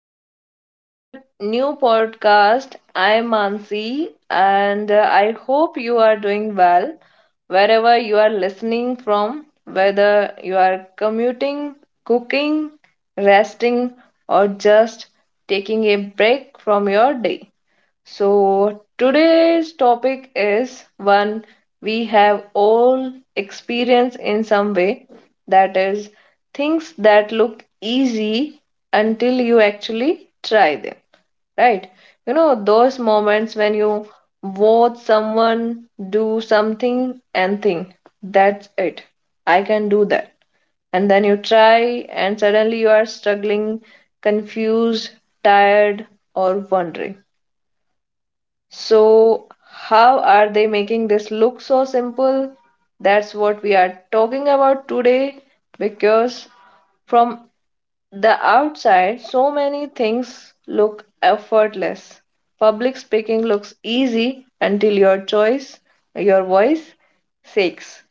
welcome back to our new podcast. I'm Mansi and I hope you are doing well wherever you are listening from, whether you are commuting, cooking, resting, or just taking a break from your day. So, today's topic is one we have all experienced in some way, that is, things that look easy until you actually try them, right? You know, those moments when you watch someone do something and think, that's it, I can do that. And then you try, and suddenly you are struggling, confused, tired, or wondering. So, how are they making this look so simple? That's what we are talking about today because from the outside, so many things look effortless. Public speaking looks easy until your voice shakes.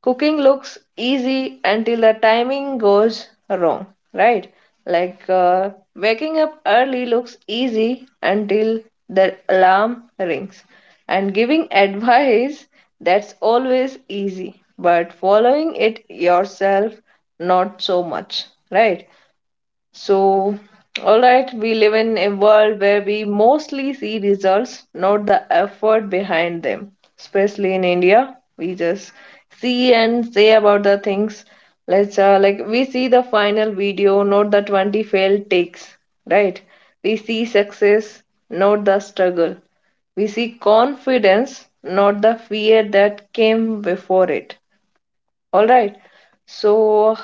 Cooking looks easy until the timing goes wrong, right? Like waking up early looks easy until the alarm rings, and giving advice, that's always easy, but following it yourself, not so much, right? So, all right, we live in a world where we mostly see results, not the effort behind them. Especially in India, we just see and say about the things. Let's like we see the final video, not the 20 failed takes, right? We see success, not the struggle. We see confidence, not the fear that came before it. All right. So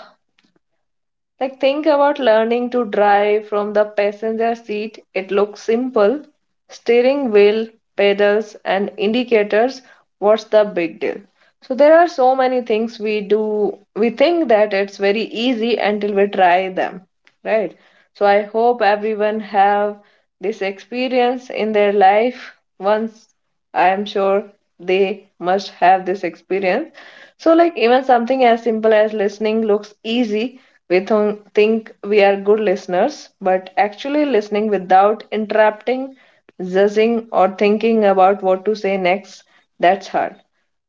like, think about learning to drive from the passenger seat. It looks simple. Steering wheel, pedals, and indicators. What's the big deal? So, there are so many things we do. We think that it's very easy until we try them, right? So, I hope everyone have this experience in their life once. I am sure they must have this experience. So, like, even something as simple as listening looks easy. We think we are good listeners, but actually listening without interrupting, judging, or thinking about what to say next, that's hard.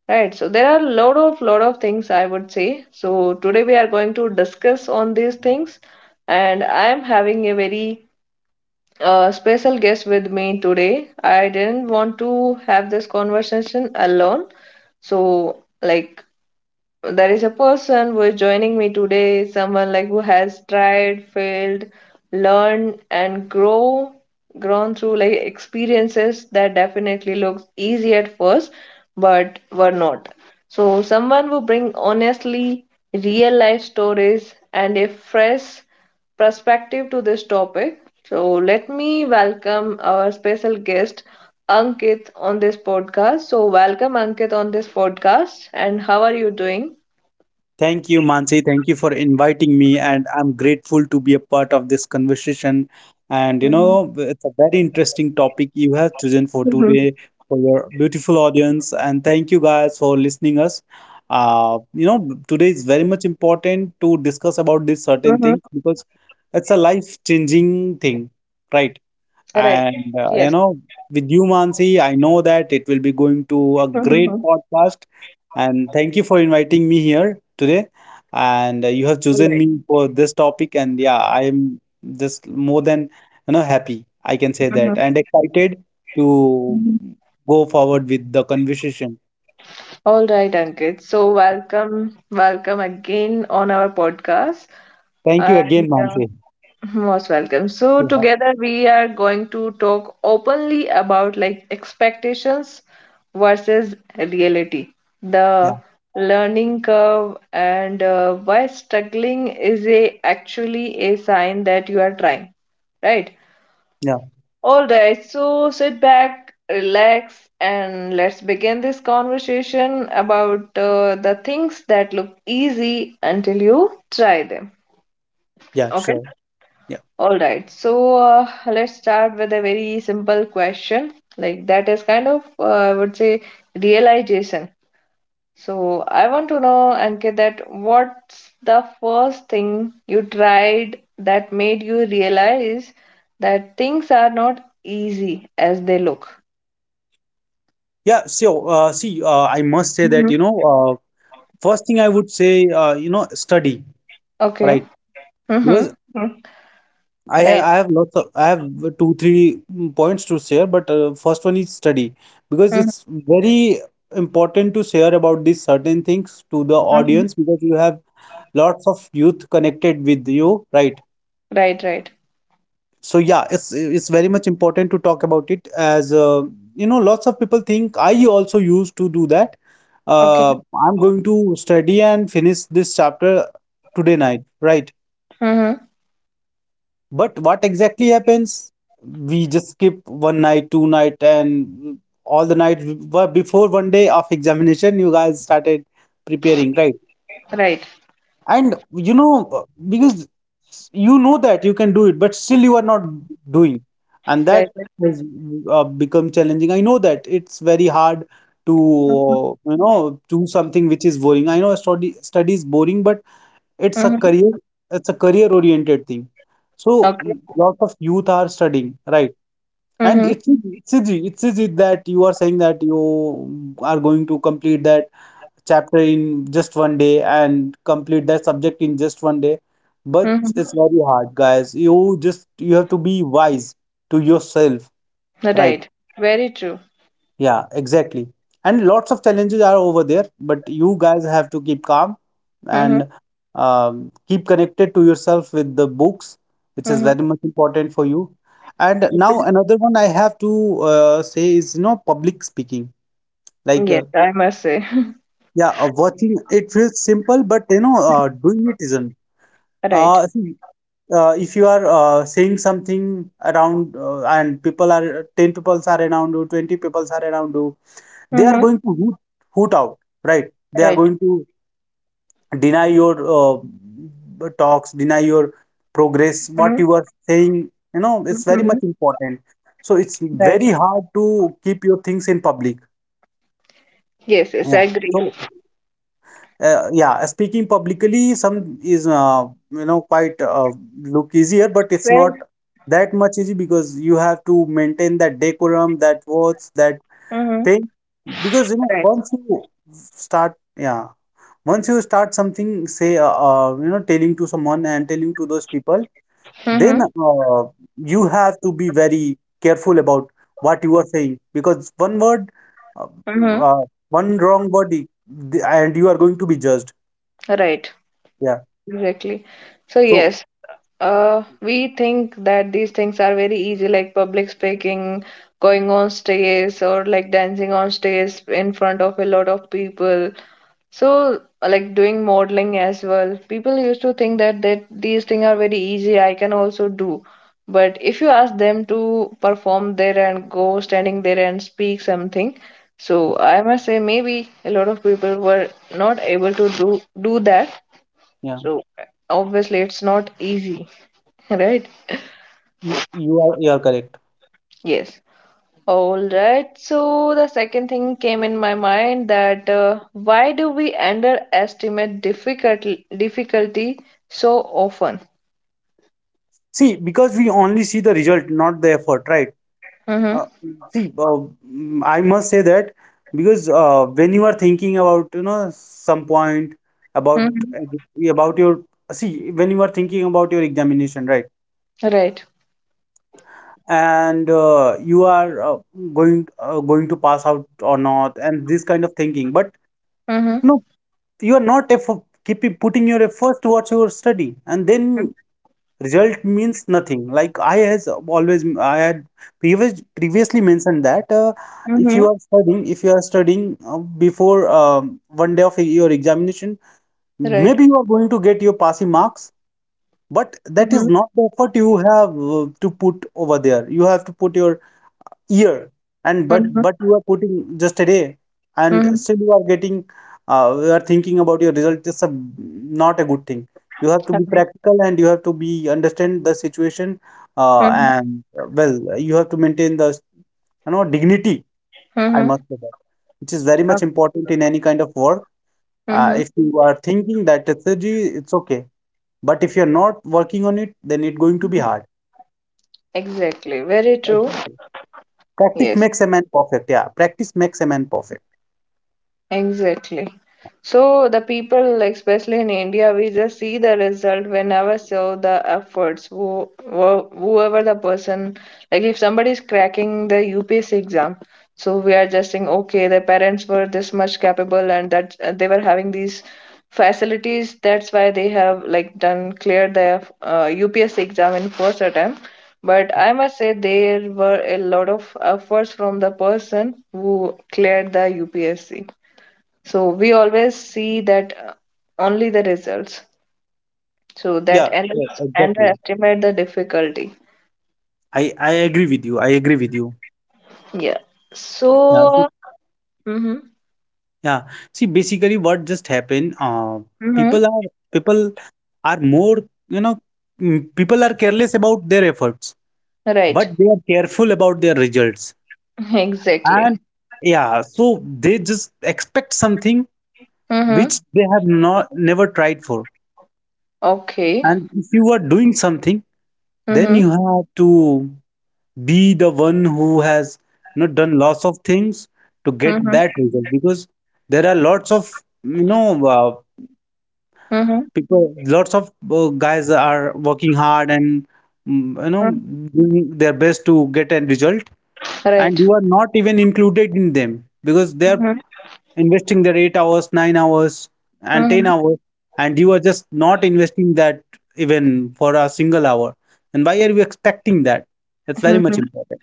Right, so there are a lot of things I would say. So today we are going to discuss on these things, and I am having a very a special guest with me today. I didn't want to have this conversation alone. So, like, there is a person who is joining me today, someone like who has tried, failed, learned, and grown through like experiences that definitely looks easy at first, but were not. So, someone who bring honestly real life stories and a fresh perspective to this topic. So, let me welcome our special guest, Ankit, on this podcast. So, welcome, Ankit, on this podcast. And how are you doing? Thank you, Mansi. Thank you for inviting me, and I'm grateful to be a part of this conversation. And you Mhm. know, it's a very interesting topic you have chosen Mhm. for today for your beautiful audience. And thank you guys for listening us. You know, today is very much important to discuss Mhm. about these certain things because it's a life-changing thing, right? Right. Yes. And you know, with you, Mansi, I know that it will be going Mhm, to mhm. a great podcast and thank you for inviting me here today. And you have chosen me for this topic, and yeah, I am just more than you know happy. I can say All that, and excited to right. go forward with the conversation. All right, Ankit. So welcome, welcome again on our podcast. Thank you again, And Mansi. most welcome. So Yeah, together we are going to talk openly about like expectations versus reality, yeah, the learning curve, and why struggling is a actually a sign that you are trying, right? yeah, All right, so sit back, relax, and let's begin this conversation about the things that look easy until you try them. yeah, Okay? sure. Yeah, All right, so let's start with a very simple question. Like, that is kind of, I would say, realization. So, I want to know, Ankit, that what's the first thing you tried that made you realize that things are not easy as they look? yeah. So, see, I must say that, Mhm. you know, uh, first thing I would say, you know, study, Okay. right? Mm-hmm. Because Mhm. I have, Right. I have lots of I have 2 3 points to share, but first one is study because Mhm. it's very important to share about these certain things to the Mhm. audience because you have lots of youth connected with you, right? Right, right. So yeah, it's very much important to talk about it as you know lots of people think I also used to do that. Okay. Uh, I'm going to study and finish this chapter today night, right? Mm-hmm. But what exactly happens? We just skip one night, two night, and all the night before one day of examination, you guys started preparing, right? Right. And you know, because you know that you can do it, but still you are not doing, and Right. that has become challenging. I know that it's very hard Mm-hmm. to you know do something which is boring. I know study is boring, but it's a Mm-hmm. career, it's a career-oriented thing. So Okay. lots of youth are studying, right? And Mm-hmm. It's easy that you are saying that you are going to complete that chapter in just 1 day and complete that subject in just 1 day. But it's Mm-hmm. very hard, guys. You have to be wise to yourself, right? Right. Very true. Yeah, exactly. And lots of challenges are over there, but you guys have to keep calm Mm-hmm. and keep connected to yourself with the books, which is Mm-hmm. very much important for you. And now another one I have to say is, you know, public speaking. Like, Yes, I must say. yeah, watching it feels simple, but you know, doing it isn't. Right. See, if you are saying something around and people are 10 people are around you, 20 people are around you, they are Mm-hmm. going to hoot out, right? They are Right. going to deny your talks, deny your progress, what Mm-hmm. you are saying. You know, it's very Mm-hmm. much important. So it's Right. very hard to keep your things in public. Yes, yes, I Yeah. agree. So yeah, speaking publicly, some is you know quite look easier, but it's not Right. that much easy because you have to maintain that decorum, that words, that Mm-hmm. thing. Because you know, Right. once you start, yeah. Once you start something, say, you know, telling to someone and telling to those people, then Mm-hmm. uh, you have to be very careful about what you are saying because one word, uh, Mm-hmm. uh, one wrong word, and you are going to be judged. Right. Yeah. Exactly. So So, yes, we think that these things are very easy, like public speaking, going on stage, or like dancing on stage in front of a lot of people. So, like doing modeling as well. People used to think that these things are very easy. I can also do. But if you ask them to perform there and go standing there and speak something, so I must say maybe a lot of people were not able to do that. yeah, So obviously it's not easy, right? You are correct. Yes. All right. So the second thing came in my mind that why do we underestimate difficulty so often? See, because we only see the result, not the effort, right? Mm-hmm. Uh, see, uh, I must say that because when you are thinking about you know some point about Mm-hmm. about your see when you are thinking about your examination, right? Right. And you are going to pass out or not, and this kind of thinking. But Mm-hmm. no, you are not effort, keep putting your efforts towards your study, and then result means nothing like I has always I had previously mentioned that if Mm-hmm. you are studying if you are studying before 1 day of your examination, Right. maybe you are going to get your passing marks, but that Mm-hmm. is not the effort you have to put over there. You have to put your year, and but Mm-hmm. but you are putting just a day, and Mm-hmm. still you are getting you are thinking about your result. It's not a good thing. You have to be Right. practical and you have to be understand the situation, and well, you have to maintain the you know dignity, I Mm-hmm. must say that, which is very much important in any kind of work. Mm-hmm. If you are thinking that strategy, it's okay, but if you're not working on it, then it's going to be hard. Exactly. Very true. Exactly. Practice Yes. makes a man perfect. Yeah, practice makes a man perfect. Exactly. So the people, like, especially in India, we just see the result, whenever show the efforts. Whoever the person, like if somebody is cracking the UPSC exam, so we are just saying, okay, their parents were this much capable and that they were having these facilities. That's why they have like done cleared their UPSC exam in first attempt. But I must say there were a lot of efforts from the person who cleared the UPSC. So we always see that only the results. So Yeah, that yeah, exactly. underestimate the difficulty. I agree with you. I agree with you. Yeah. Yeah, see, So. Mm-hmm. yeah. See, basically, what just happened? Mm-hmm. people are people are more, you know, people are careless about their efforts, Right. but they are careful about their results. Exactly. And yeah, so they just expect something Mm-hmm. which they have not never tried for. Okay. And if you are doing something, then Mm-hmm. you have to be the one who has you know done lots of things to get Mm-hmm. that result because there are lots of you know Mm-hmm. people lots of guys are working hard and you know Mm-hmm. doing their best to get a result, and Right. you are not even included in them because they are Mm-hmm. investing their 8 hours, 9 hours, and 10 Mm-hmm. hours, and you are just not investing that even for a single hour, and why are you expecting that? It's very Mm-hmm. much important.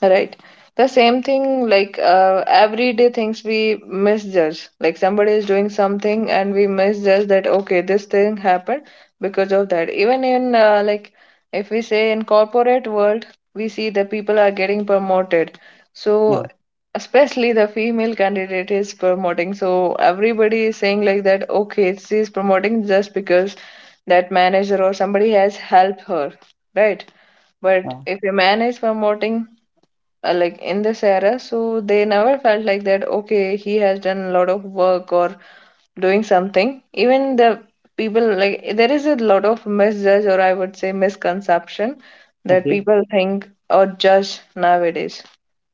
Right. The same thing, like everyday things we misjudge. Like somebody is doing something and we misjudge that, okay, this thing happened because of that. Even in, like, if we say in corporate world, we see the people are getting promoted. So, Yeah, especially the female candidate is promoting. So, everybody is saying like that, okay, she's promoting just because that manager or somebody has helped her, right? But yeah, if a man is promoting, like in this era, so they never felt like that, okay, he has done a lot of work or doing something. Even the people, like, there is a lot of misjudge, or I would say misconception, that okay. people think or judge nowadays,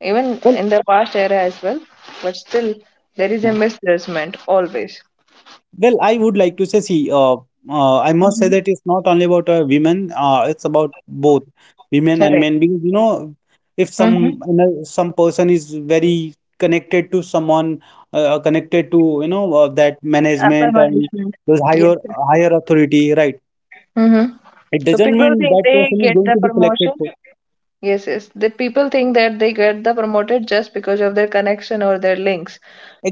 even Well, in the past era as well, but still there is a yeah. misjudgment always. Well, I would like to say, see, I must say Hmm. that it's not only about women. It's about both women and Right. men. Because you know, if Mm-hmm. some you know, some person is very connected to someone, connected to you know that Upper management and management. those Yes. higher authority, right? Mm-hmm. It So doesn't people mean think that they person is get going the to be selected promotion. for. Yes, yes. The people think that they get the promoted just because of their connection or their links,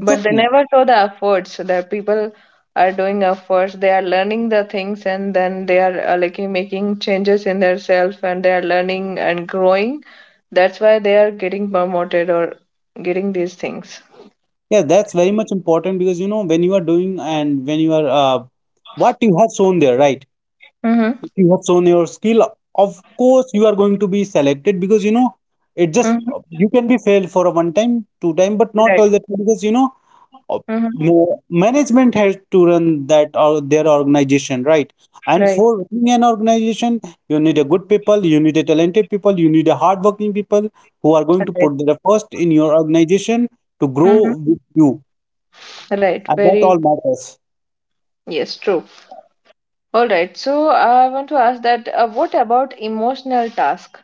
but they never show the efforts that people are doing efforts. They are learning the things and then they are like making changes in their self and they are learning and growing. That's why they are getting promoted or getting these things. Yeah, that's very much important because you know when you are doing and when you are what you have shown there, right? Mm-hmm. If you have shown your skill, of course you are going to be selected because you know it just Mm-hmm. you can be failed for a one time, two time, but not Right. all the time because you know uh, Mm-hmm. Management has to run that or their organization, right? And Right. for running an organization, you need a good people, you need a talented people, you need a hardworking people who are going to Right. put their first in your organization to grow Mm-hmm. with you, Right. and that Very. all matters. Yes, true. All right. So I want to ask that what about emotional task?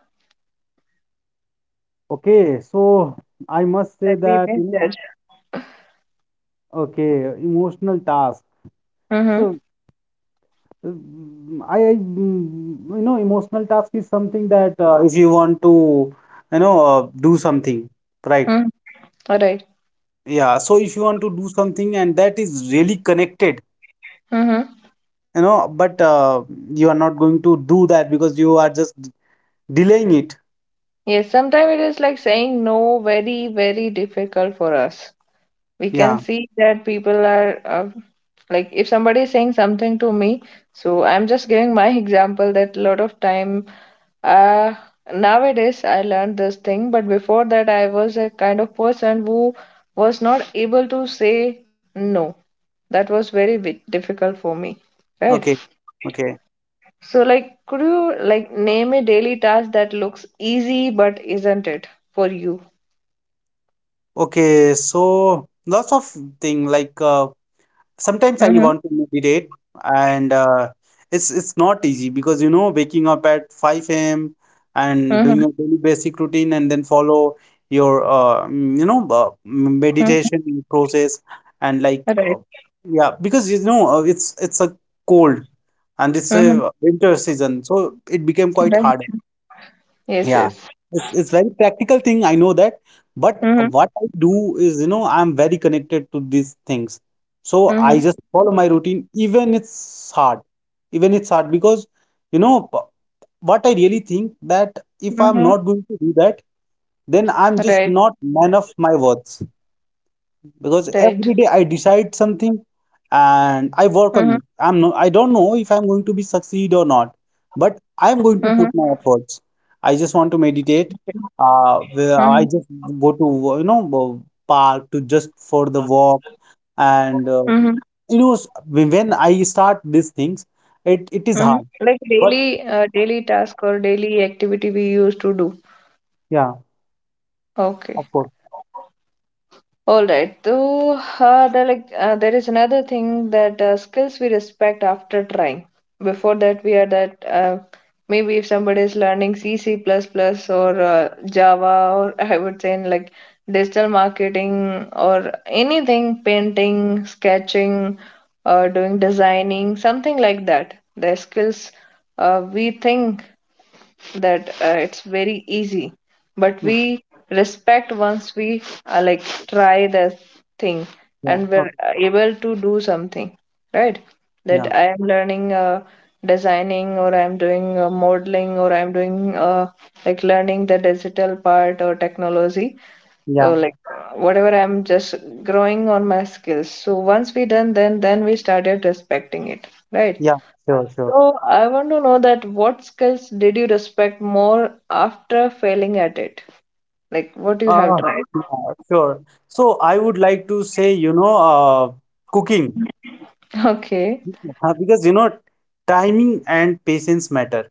Okay, so I must say That we that you know, misjudge. okay, emotional task. Mm-hmm. So, you know, emotional task is something that if you want to, you know, do something, right? Mm, all right. Yeah. So if you want to do something and that is really connected, Mm-hmm. you know, but you are not going to do that because you are just delaying it. Yes, sometimes it is like saying no, very, very difficult for us. We can Yeah. see that people are like, if somebody is saying something to me, so I'm just giving my example that a lot of time uh, nowadays I learned this thing, but before that, I was a kind of person who was not able to say no. That was very bit difficult for me, right? Okay. Okay. So, like, could you like name a daily task that looks easy but isn't it for you? Okay. So lots of thing like sometimes Mm-hmm. I want to meditate, and it's not easy because you know waking up at 5 a.m. and Mm-hmm. doing your daily basic routine and then follow your you know Mm-hmm. meditation process and like Right. Yeah, because you know it's a cold and it's Mm-hmm. a winter season, so it became quite Right. hard. Yes. Yeah, Yes. it's very practical thing. I know that, but Mm-hmm. what I do is, you know, I'm very connected to these things. So Mm-hmm. I just follow my routine, even it's hard because, you know, what I really think that if Mm-hmm. I'm not going to do that, then Right. I'm just not man of my words Right. because every day I decide something Mm-hmm. and I work on it. I don't know if I'm going to be succeed or not, but Mm-hmm. I'm going to put my efforts. I just want to Okay. meditate. Mm-hmm. Where I just go to you know park to just for the walk, Mm-hmm. and you know when I start these things, it Mm-hmm. is hard, Like but daily, daily task or daily activity we used to do. yeah, Okay. of course. All right. So there is another thing that skills we respect after trying. Before that, we are that maybe if somebody is learning C, C++ plus plus or Java, or I would say in like digital marketing or anything, painting, sketching, or doing designing, something like that. The skills we think that it's very easy, but Okay. we respect once we like try the thing Yeah, and we're okay, able to do something, right? That yeah, I am learning designing, or I'm doing modeling, or I'm doing like learning the digital part or technology, or yeah, like whatever, I'm just growing on my skills. So once we done, then we started respecting it, right? yeah, sure, sure. So I want to know that what skills did you respect more after failing at it? Like what you have Uh, tried? yeah, sure. So I would like to say, you know, cooking, Okay, because you know, timing and patience matter.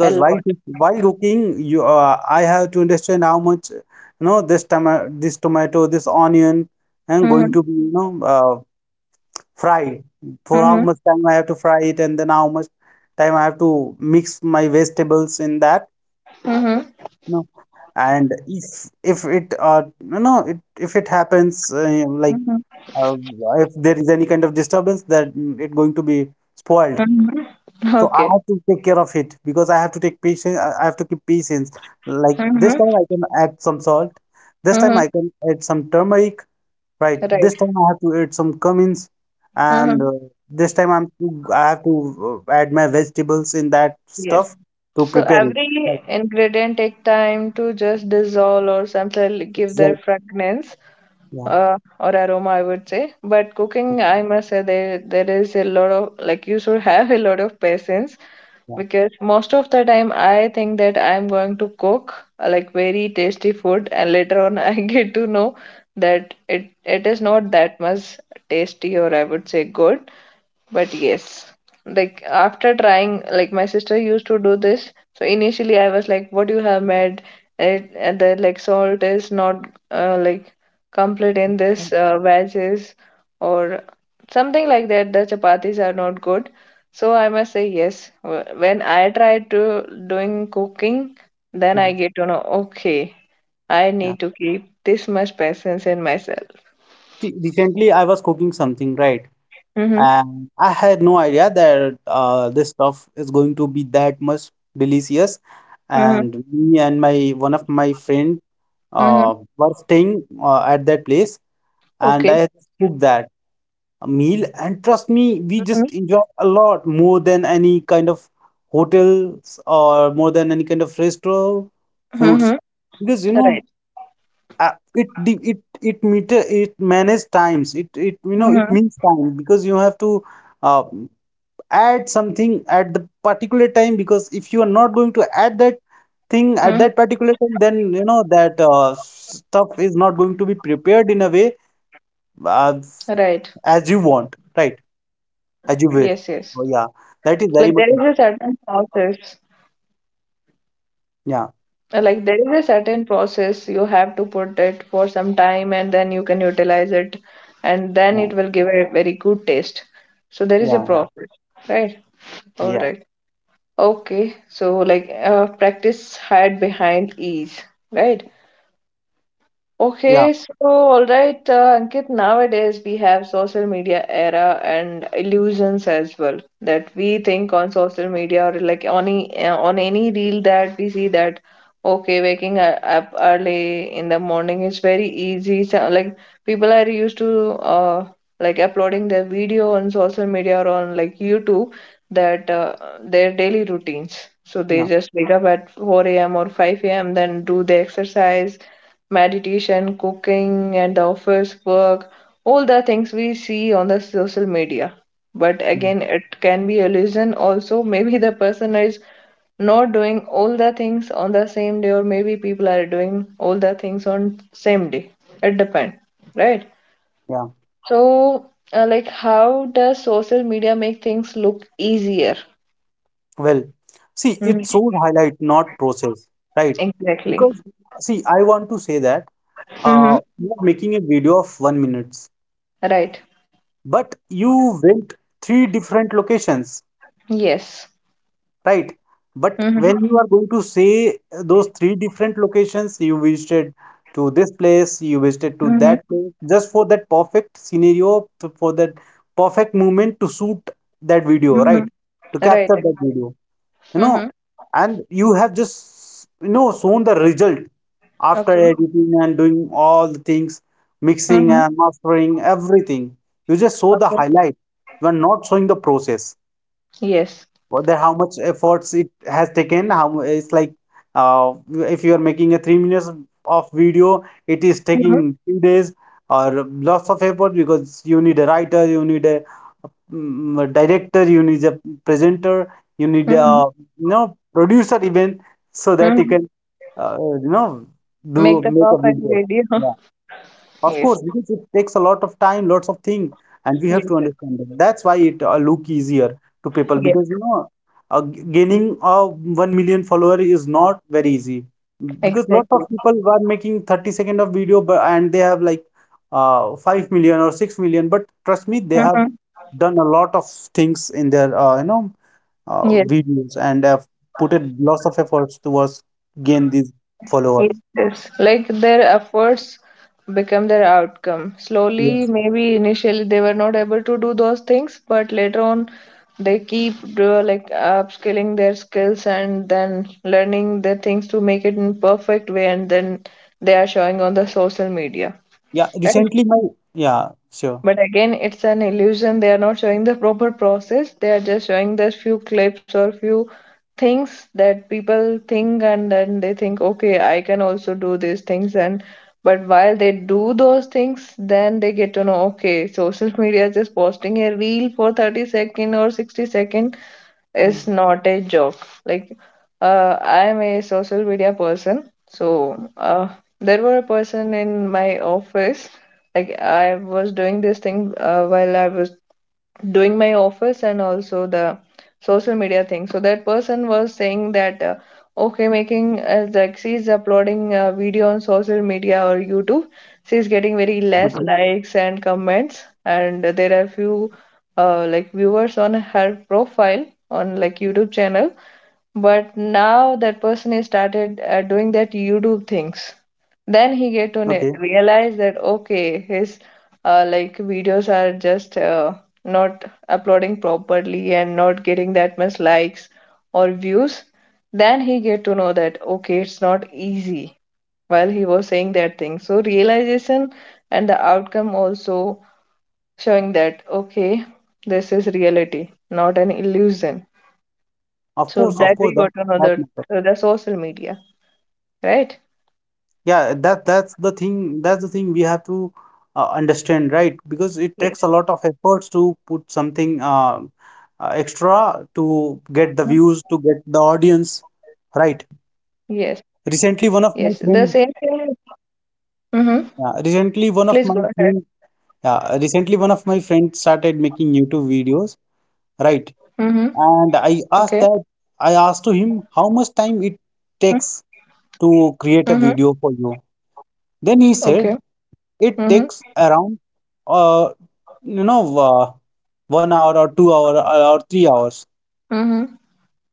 a lot. While cooking, you I have to understand how much, you know, this tomato, this onion, and going Mm-hmm. to be, you know, fried. For how Mm-hmm. much time I have to fry it, and then how much time I have to mix my vegetables in that. Mm-hmm. No. And if it no no it if it happens like Mm-hmm. uh, if there is any kind of disturbance it going to be spoiled. Mm-hmm. So I Okay. have to take care of it because I have to take patience. I have to keep patience. Like this Mm-hmm. time I can add some salt. This time Mm-hmm. I can add some turmeric. Right. This Right. time I have to add some cummins, and Mm-hmm. This time I have to add my vegetables in that Yes. stuff to So prepare it. Right. every ingredient take time to just dissolve or sometimes give their Exactly. fragrance, Yeah. Or aroma, I would say. But Yeah. cooking, I must say, there is a lot of like you should have a lot of patience, Yeah. because most of the time I think that I'm going to cook like very tasty food, and later on I get to know that it is not that much tasty, or I would say good. But yes, like after trying, like my sister used to do this. So initially, I was like, "What you have made, it, and the like salt is not like complete in this wedges or something like that. The chapatis are not good." So I must say yes. When I try to doing cooking, then I Yeah. get to know. Okay, I Yeah. need to keep this much patience in myself. See, recently I was cooking something, right? Mm-hmm. And I had no idea that this stuff is going to be that much delicious. Mm-hmm. And me and my one of my friend Mm-hmm. Were staying at that place, and Okay. I just cooked that meal. And trust me, we just Mm-hmm. enjoyed a lot more than any kind of hotels or more than any kind of restaurant foods. Mm-hmm. Because Right. It de- it meter it manage times it it you know it means Mm-hmm. time because you have to uh, add something at the particular time, because if you are not going to add that thing at that Mm, particular time, then you know that stuff is not going to be prepared in a way, uh, right. as you want, right, as you wish. Yes, yes. So yeah, that is very Like much there is a important. certain process. Yeah. Like there is a certain process you have to put it for some time and then you can utilize it, and then Yeah. it will give a very good taste. So there is Yeah. a Yeah. process, right? All Yeah. right. Okay. So like practice hide behind ease, right? Okay, so all right, Ankit, nowadays we have social media era and illusions as well that we think on social media or like on any reel that we see that okay, up early in the morning is very easy. So, like people are used to uh, like uploading their video on social media or on like YouTube that their daily routines. So they Yeah. just wake up at 4 a.m. or 5 a.m., then do the exercise, meditation, cooking, and the office work, all the things we see on the social media. But Yeah. again, it can be illusion also. Maybe the person is not doing all the things on the same day, or maybe people are doing all the things on same day. It depends, right? Yeah. So, like, how does social media make things look easier? Well, see, it Mhm. shows highlight, not process, right? Exactly. Because, see, I want to say that Hmm. you're making a video of 1 minutes, Right. but you went three different locations, Yes. right? But when Hmm. you are going to say those three different locations, you visited to this place, you visited to Hmm. that place, just for that perfect scenario, for that perfect moment to shoot that video, Hmm. right? To Right. capture that video. You know, Hmm. and you have just, you know, shown the result after Okay. editing and doing all the things, mixing Mm-hmm. and mastering everything. You just show the Okay. highlight, you are not showing the process, Yes. what the how much efforts it has taken. It's like uh, if you are making a 3 minutes of video, it is Mm-hmm. taking 2 days or lots of effort, because you need a writer, you need a, mm, a director, you need a presenter, you need Mm-hmm. a, you know, producer even, so that you Mm-hmm. can uh, you know do Make the make a perfect video. video. Yeah. Of Yes. course, because it takes a lot of time, lots of things, and we have Yes. to Yes. understand that. That's why it look easier to people, Yes. because you know, gaining 1 million follower is not very easy, because lot of Exactly. people are making 30 second of video, but and they have like 5 million or 6 million. But trust me, they have Mm-hmm. done a lot of things in their Yes. videos, and have put a lots of efforts towards gain these followers. Yes. Yes. Like their efforts become their outcome. Slowly, Yes. maybe initially they were not able to do those things, but later on they keep like upskilling their skills and then learning the things to make it in perfect way, and then they are showing on the social media. Yeah. Recently, my, yeah, sure. But again, it's an illusion. They are not showing the proper process. They are just showing the few clips or few things that people think, and then they think, okay, I can also do these things. And but while they do those things, then they get to know, okay, social media is just posting a reel for 30 second or 60 second Mm. is not a joke. Like, I am a social media person, so there were a person in my office. Like, I was doing this thing while I was doing my office and also the social media thing. So that person was saying that okay, making like she's uploading a video on social media or YouTube, she's getting very less Okay. likes and comments, and there are few like viewers on her profile on like YouTube channel. But now that person is started doing that YouTube things, then he get to Okay. realize that okay his like videos are just not uploading properly and not getting that much likes or views, then he get to know that okay it's not easy while he was saying that thing. So realization and the outcome also showing that okay this is reality, not an illusion. So Of that course, we that got to know that matters. the social media, right? Yeah, that that's the thing. That's the thing we have to understand, right? Because it takes a Yes, lot of efforts to put something extra, to get the views, to get the audience, yes, right? yes, the same Recently, one of thing. my friend, Mm-hmm. yeah, Please go ahead. recently one of my friend, yeah, Recently, one of my friends started making YouTube videos, Mm-hmm. right? Okay. And I asked to him, how much time it takes Mm-hmm. to create a video for you? Then Okay. he said it Mm-hmm. takes around, uh, you know, uh, 1 hour or two hour or 3 hours, Mm-hmm.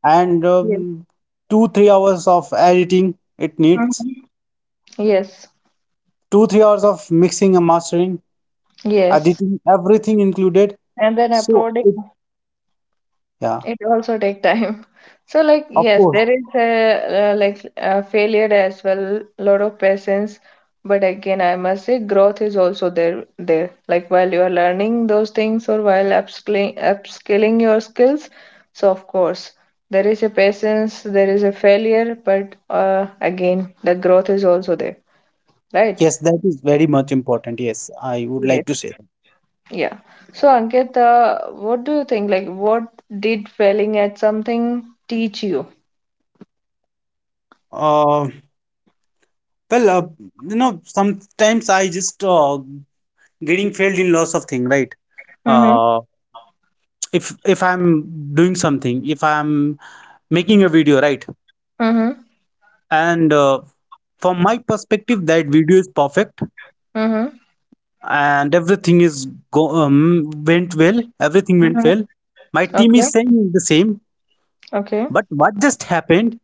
and Yes. 2 3 hours of editing it needs, Mm-hmm. Yes. 2 3 hours of mixing and mastering, Yes. editing everything included. And then So uploading. it, yeah, It also take time. So like of yes, course, there is a, uh, like a failure as well, lot of patience. But again, I must say growth is also there there. Like while you are learning those things or while upskilling your skills, so of course there is a patience, there is a failure, but again the growth is also there, right? yes, that is very much important. Yes, I would Yes. like to say that. Yeah. So Ankit, what do you think? Like what did failing at something teach you? Uh, well, uh, you know, sometimes I just getting failed in lots of things, right? Mm-hmm. Uh, if I'm doing something, if I'm making a video, right? And from my perspective that video is perfect Mm-hmm. and everything is go went well everything went Mm-hmm. well, my team Okay. is saying the same. Okay. But what just happened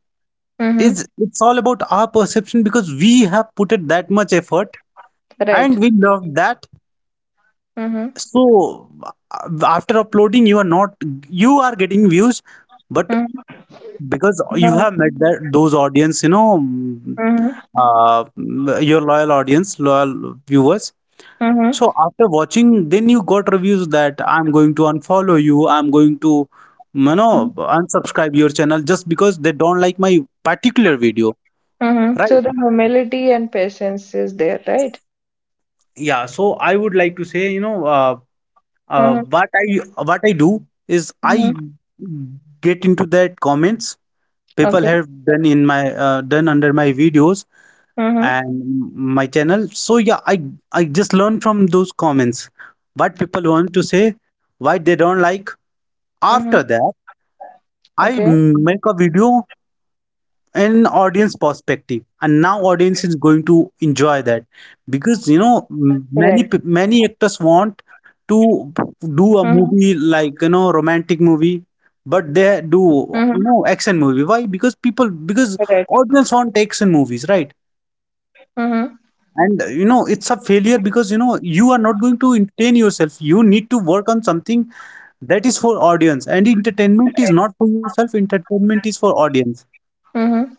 Mm-hmm. is, it's all about our perception, because we have put it that much effort and Right. we love that. Mm-hmm. So uh, after uploading, you are not, you are getting views, but Mm-hmm. because you have met that those audience, you know, Mm-hmm. Your loyal audience, loyal viewers. Mm-hmm. So after watching, then you got reviews that I'm going to unfollow you, I'm going to, you know, unsubscribe your channel just because they don't like my particular video, Mm-hmm. So right? the humility and patience is there, right? Yeah. So I would like to say, you know, Mm-hmm. what I do is, I Mm-hmm. get into that comments people Okay. have done in my, done under my videos Mm-hmm. and my channel. So yeah, I just learn from those comments what people want to say, why they don't like. Mm-hmm. After that, Okay. I make a video in audience perspective, and now audience is going to enjoy that. Because you Right. know, many actors want to Mm-hmm. do a movie, like, you know, romantic movie, but Mm-hmm. they do, you know, action movie. Why? Because people, Right. because audience want action movies, right? Mm-hmm. And you know, it's a failure, because you know, you are not going to entertain yourself, you need to work on something that is for audience, and entertainment Right. is not for yourself, entertainment is for audience. Mm-hmm.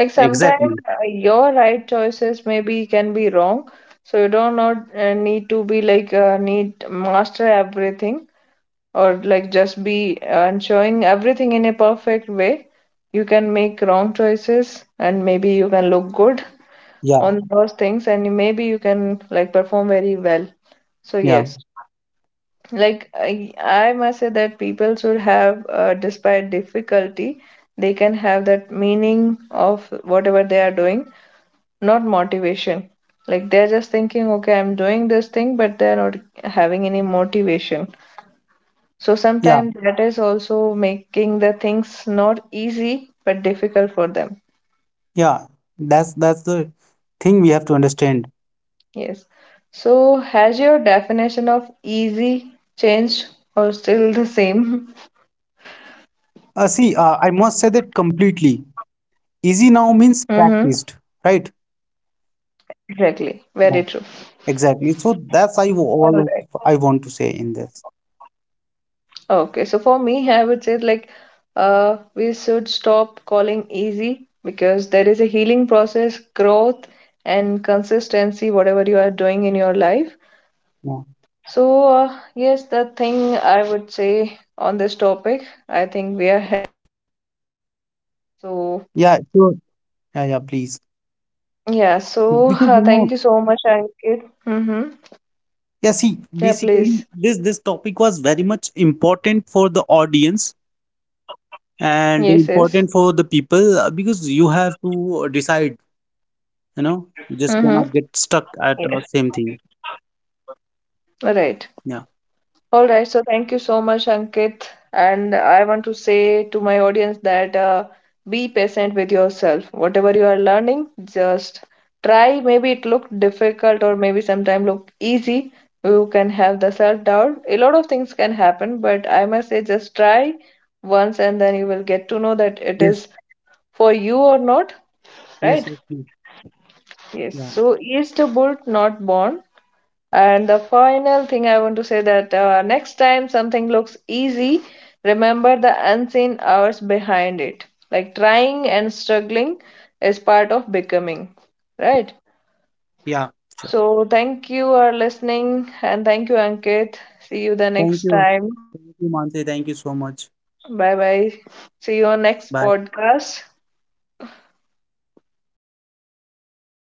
Like sometimes Exactly. Your right choices maybe can be wrong, so you don't not need to be like need master everything, or like just be and showing everything in a perfect way. You can make wrong choices and maybe you can look good Yeah. on those things, and maybe you can like perform very well. So Yeah. yes, like I must say that people should have despite difficulty they can have that meaning of whatever they are doing, not motivation. Like they're just thinking okay I'm doing this thing, but they're not having any motivation. So Yeah. sometimes that is also making the things not easy but difficult for them. Yeah. That's the thing we have to understand. Yes. So has your definition of easy changed or still the same? See, I must say that completely easy now means Mm-hmm. practiced, right? Exactly. Yeah, Very true. exactly. So that's I wa- All all right. of- I want to say in this. Okay. So for me, I would say like we should stop calling easy because there is a healing process, growth and consistency, whatever you are doing in your life. Yeah. So, yes, the thing I would say on this topic, I think we are so, Yeah, sure. Yeah, yeah, please. yeah, so thank you Because you so much, know, Ankit. Mm-hmm. Yeah, yeah, please. see, basically this this topic was very much important for the audience Yes, yes. and important for the people, because you have to decide, Mm-hmm. you know, you just cannot Yes. get stuck at same thing. All right. All Yeah. right, so thank you so much, Ankit. And I want to say to my audience that be patient with yourself. Whatever you are learning, just try. Maybe it looked difficult or maybe sometimes look easy. You can have the self-doubt. A lot of things can happen, but I must say just try once, and then you will get to know Yes. that it is for you or not, Yes. Yes. Yes. right? Yeah. Yes. So is the bolt not born? And the final thing I want to say that next time something looks easy, remember the unseen hours behind it. Like trying and struggling is part of becoming, right? Yeah. Sure. So thank you for listening and thank you, Ankit. See you the Thank next you. time. Thank you, Mansi. Thank you so much. Bye bye. See you on next Bye. podcast.